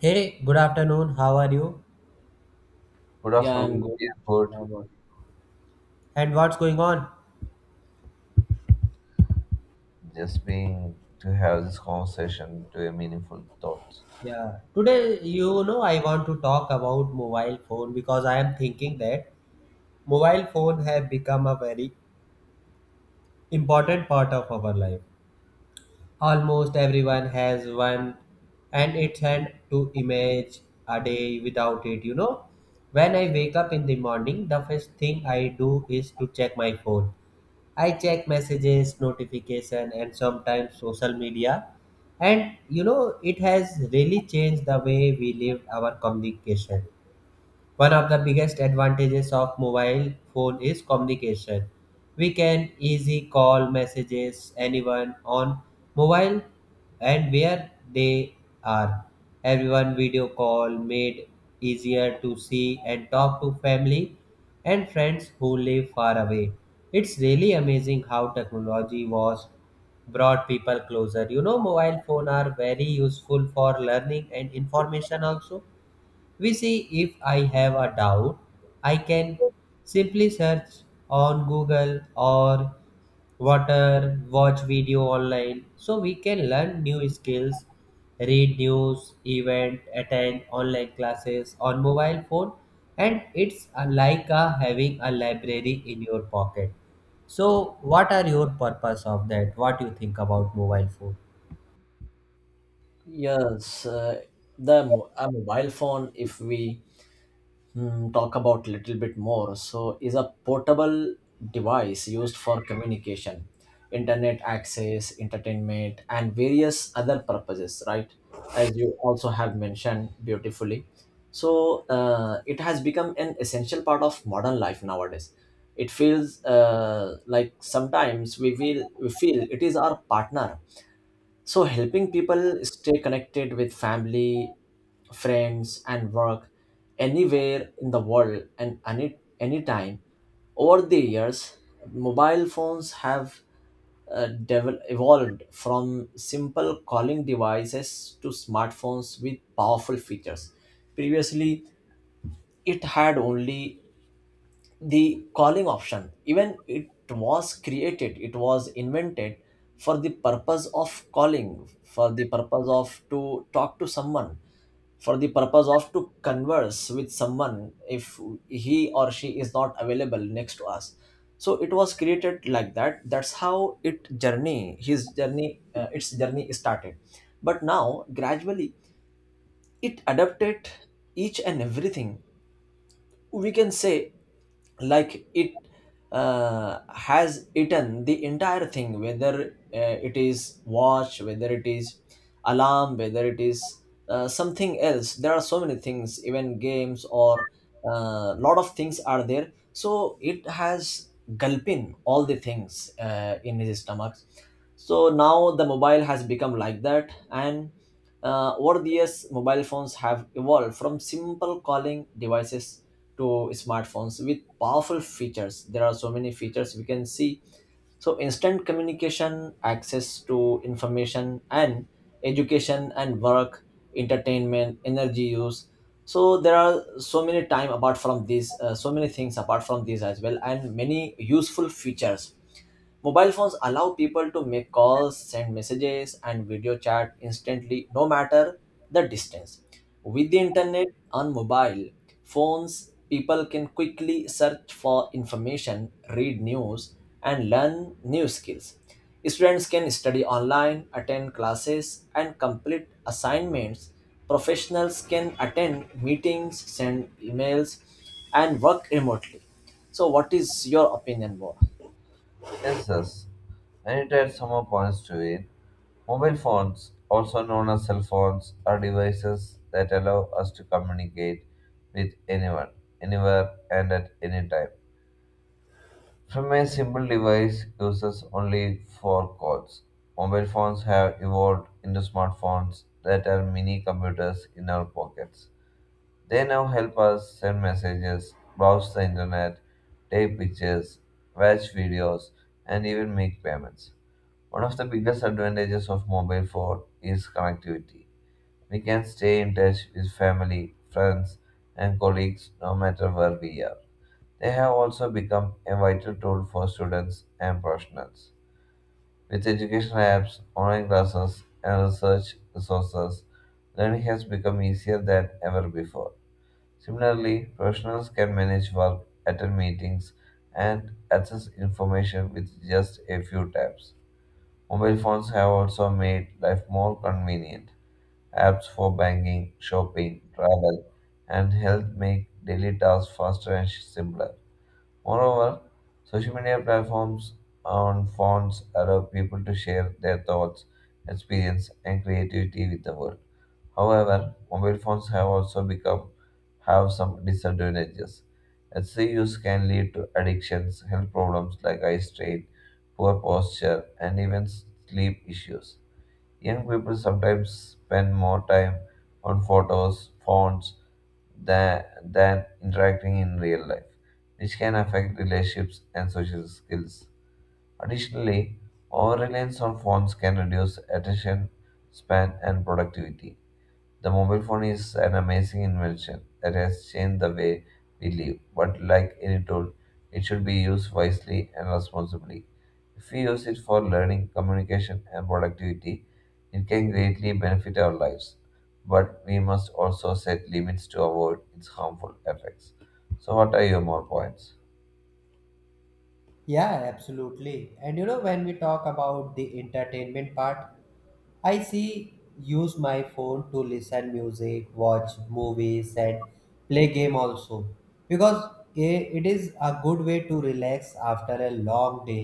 Hey, good afternoon. How are you? Good Yeah, I'm afternoon. good. Yeah, good. Um, And what's going on? Just being to have this conversation to a meaningful thought. Yeah, today, you know, I want to talk about mobile phone because I am thinking that mobile phone have become a very important part of our life. Almost everyone has one and it's hard to image a day without it. When I wake up in the morning, the first thing I do is to check my phone. I check messages, notification, and sometimes social media. And you know, it has really changed the way we live our communication. One of the biggest advantages of mobile phone is communication. We can easy call messages anyone on mobile and where they are. Everyone video call made easier to see and talk to family and friends who live far away. It's really amazing how technology was brought people closer. You know mobile phone are very useful for learning and information also we see if I have a doubt, I can simply search on Google or water, watch video online. So we can learn new skills, read news, event, attend online classes on mobile phone and it's like having a library in your pocket. So what are your purpose of that? What do you think about mobile phone? yes, uh, a mobile phone, if we talk about little bit more, so is a portable device used for communication, internet access, entertainment, and various other purposes, right? As you also have mentioned beautifully. So it has become an essential part of modern life nowadays. It feels like sometimes we feel it is our partner. So, helping people stay connected with family, friends, and work anywhere in the world and anytime. Over the years, mobile phones have evolved from simple calling devices to smartphones with powerful features. Previously, it had only the calling option, even it was created, it was invented for the purpose of calling, for the purpose of to talk to someone, for the purpose of to converse with someone if he or she is not available next to us. So it was created like that. That's how it journey, his journey, its journey started, but now gradually it adapted each and everything, we can say, like it has eaten the entire thing, whether it is watch, whether it is alarm, whether it is something else. There are so many things, even games or lot of things are there, so it has gulping all the things in his stomach. So now the mobile has become like that. And over the years, mobile phones have evolved from simple calling devices to smartphones with powerful features. There are so many features we can see. So, instant communication, access to information and education and work, entertainment, energy use. So, there are so many time apart from these, so many things apart from these as well, and many useful features. Mobile phones allow people to make calls, send messages, and video chat instantly, no matter the distance. With the internet on mobile phones, people can quickly search for information, read news, and learn new skills. Students can study online, attend classes, and complete assignments. Professionals can attend meetings, send emails, and work remotely. So, what is your opinion, More? Yes, yes. I need to add some more points to it. Mobile phones, also known as cell phones, are devices that allow us to communicate with anyone, anywhere, and at any time. From a simple device uses only four cords, mobile phones have evolved into smartphones that are mini computers in our pockets. They now help us send messages, browse the internet, take pictures, watch videos, and even make payments. One of the biggest advantages of mobile phone is connectivity. We can stay in touch with family, friends, and colleagues no matter where we are. They have also become a vital tool for students and professionals. With education apps, online classes, and research resources, learning has become easier than ever before. Similarly, professionals can manage work, attend meetings, and access information with just a few taps. Mobile phones have also made life more convenient. Apps for banking, shopping, travel, and health make daily tasks faster and simpler. Moreover, social media platforms on phones allow people to share their thoughts, experience, and creativity with the world. However, mobile phones have also become have some disadvantages. Excessive use can lead to addictions, health problems like eye strain, poor posture, and even sleep issues. Young people sometimes spend more time on photos, phones, than interacting in real life, which can affect relationships and social skills. Additionally, over reliance on phones can reduce attention span and productivity. The mobile phone is an amazing invention that has changed the way we live, but like any tool, it should be used wisely and responsibly. If we use it for learning, communication, and productivity, it can greatly benefit our lives, but we must also set limits to avoid its harmful effects. So, what are your more points? Yeah, absolutely. And you know, when we talk about the entertainment part, I see use my phone to listen music, watch movies and play game also because it is a good way to relax after a long day.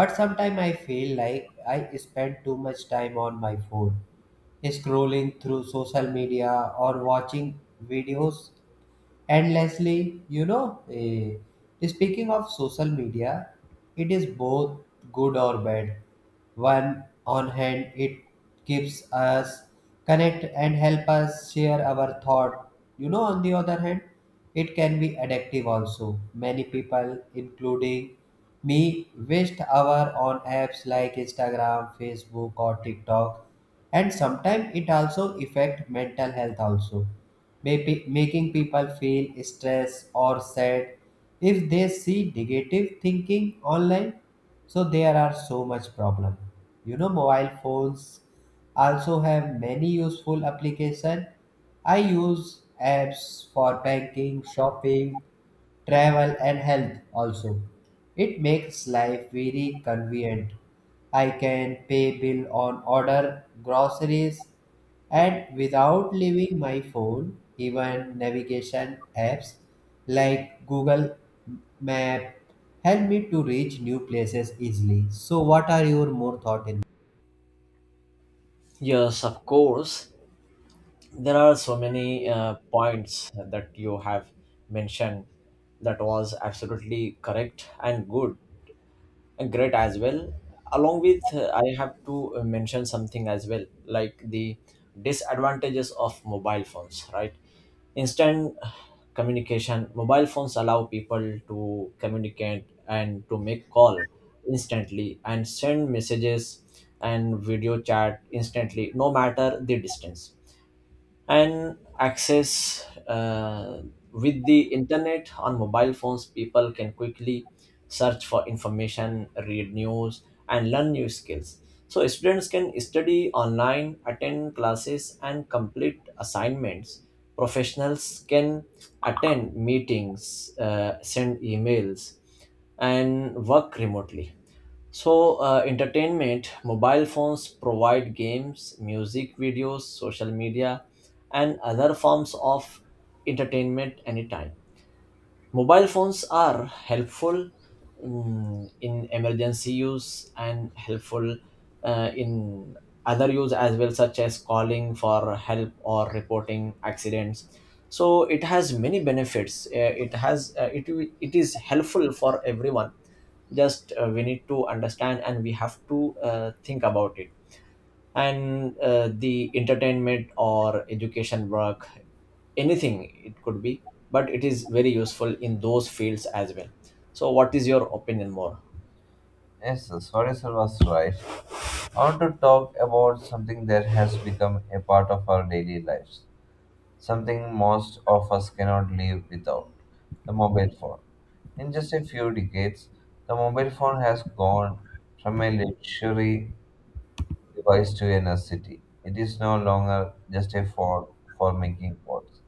But sometimes I feel like I spend too much time on my phone, scrolling through social media or watching videos and Leslie, speaking of social media, it is both good or bad. One on hand, it keeps us connect and help us share our thought. You know, on the other hand, it can be addictive also. Many people, including me, waste hour on apps like Instagram, Facebook, or TikTok, and sometimes it also affect mental health also. Maybe making people feel stressed or sad if they see negative thinking online. So there are so much problem. You know, mobile phones also have many useful application. I use apps for banking, shopping, travel and health also. It makes life very convenient. I can pay bill on order groceries and without leaving my phone, even navigation apps like Google Map help me to reach new places easily. So what are your more thought in? Yes, of course. There are so many points that you have mentioned that was absolutely correct and good, great as well. Along with, I have to mention something as well, like the disadvantages of mobile phones, right? Instant communication, mobile phones allow people to communicate and to make call instantly, and send messages and video chat instantly, no matter the distance. And access, with the internet on mobile phones, people can quickly search for information, read news, and learn new skills. So students can study online, attend classes, and complete assignments. Professionals can attend meetings, send emails, and work remotely. So, entertainment, mobile phones provide games, music videos, social media, and other forms of entertainment anytime. Mobile phones are helpful in emergency use, and helpful in other use as well, such as calling for help or reporting accidents. So it has many benefits. It has it is helpful for everyone. Just we need to understand, and we have to think about it. And the entertainment or education, work, anything it could be, but it is very useful in those fields as well. So what is your opinion, more? Yes, sir. Sorry, sir, was right. I want to talk about something that has become a part of our daily lives, something most of us cannot live without, the mobile phone. In just a few decades, the mobile phone has gone from a luxury device to a necessity. It is no longer just a phone for making calls.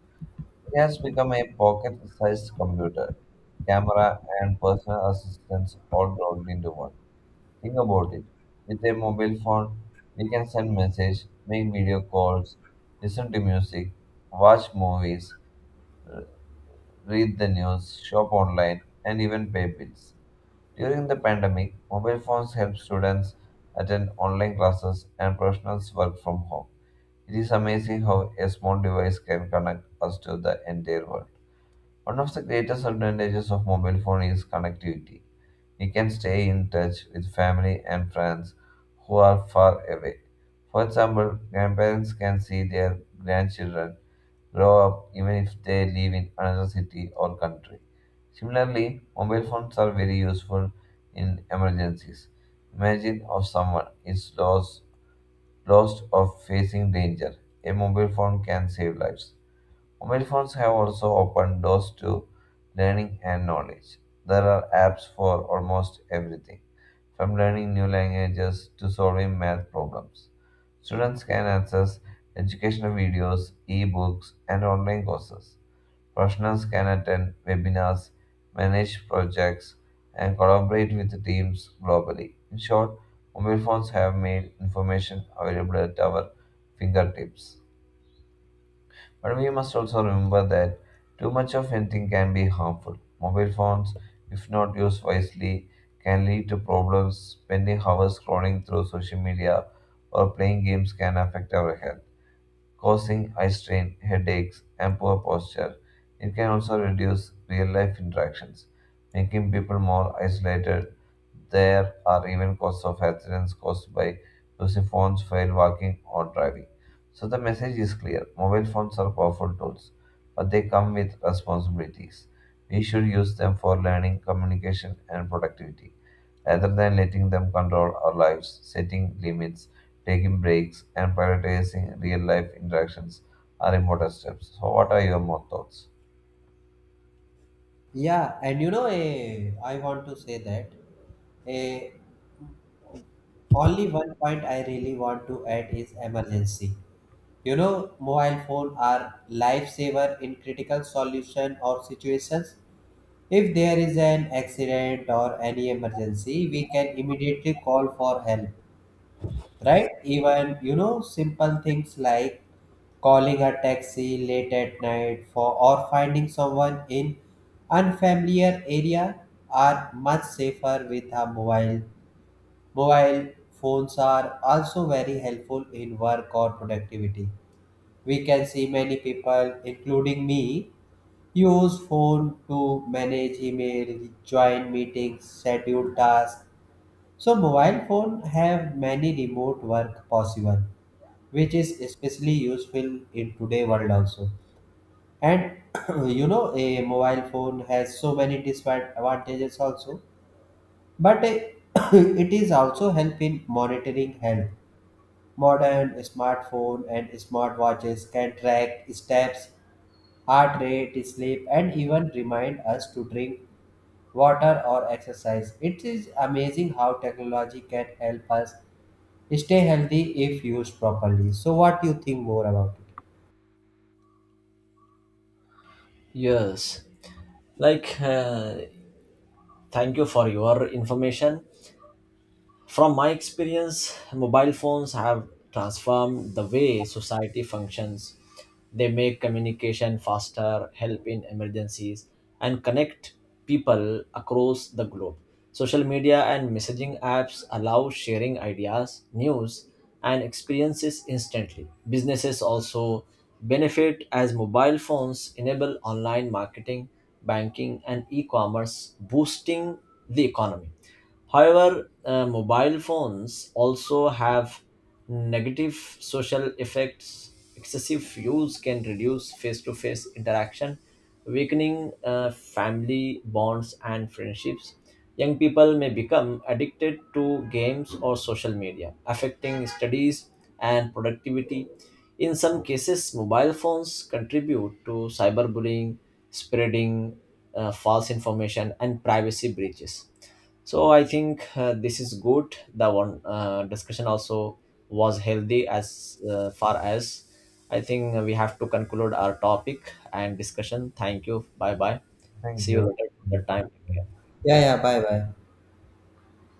It has become a pocket-sized computer, camera, and personal assistants all rolled into one. Think about it. With a mobile phone, we can send messages, make video calls, listen to music, watch movies, read the news, shop online, and even pay bills. During the pandemic, mobile phones help students attend online classes and professionals work from home. It is amazing how a small device can connect us to the entire world. One of the greatest advantages of mobile phone is connectivity. We can stay in touch with family and friends who are far away. For example, grandparents can see their grandchildren grow up even if they live in another city or country. Similarly, mobile phones are very useful in emergencies. Imagine if someone is lost or facing danger. A mobile phone can save lives. Mobile phones have also opened doors to learning and knowledge. There are apps for almost everything, from learning new languages to solving math problems. Students can access educational videos, e-books, and online courses. Professionals can attend webinars, manage projects, and collaborate with teams globally. In short, mobile phones have made information available at our fingertips. But we must also remember that too much of anything can be harmful. Mobile phones, if not used wisely, can lead to problems. Spending hours scrolling through social media or playing games can affect our health, causing eye strain, headaches, and poor posture. It can also reduce real life interactions, making people more isolated. There are even causes of accidents caused by using phones while walking or driving. So the message is clear. Mobile phones are powerful tools, but they come with responsibilities. We should use them for learning, communication, and productivity rather than letting them control our lives. Setting limits, taking breaks, and prioritizing real life interactions are important steps. So, what are your more thoughts? Yeah, and I want to say that eh, only one point I really want to add is emergency. You know, mobile phone are lifesaver in critical solution or situations. If there is an accident or any emergency, we can immediately call for help, right? Even, simple things like calling a taxi late at night for or finding someone in unfamiliar area are much safer with a mobile. Mobile phones are also very helpful in work or productivity we can see many people, including me, use phone to manage email, join meetings, schedule tasks. So mobile phone have many remote work possible, which is especially useful in today world also. And you know, a mobile phone has so many disadvantages also, but it is also help in monitoring health. Modern smartphone and smartwatches can track steps heart rate, sleep, and even remind us to drink water or exercise. It is amazing how technology can help us stay healthy if used properly. So, what do you think more about it? Yes, like thank you for your information. From my experience, mobile phones have transformed the way society functions. They make communication faster, help in emergencies, and connect people across the globe. Social media and messaging apps allow sharing ideas, news, and experiences instantly. Businesses also benefit as mobile phones enable online marketing, banking, and e commerce, boosting the economy. However, mobile phones also have negative social effects. Excessive use can reduce face to face interaction, weakening family bonds and friendships. Young people may become addicted to games or social media, affecting studies and productivity. In some cases, mobile phones contribute to cyberbullying, spreading false information, and privacy breaches. So I think this is good. The one discussion also was healthy. As far as I think, we have to conclude our topic and discussion. Thank you. Bye bye. Thank See you you. later. The time. Yeah, yeah, bye bye.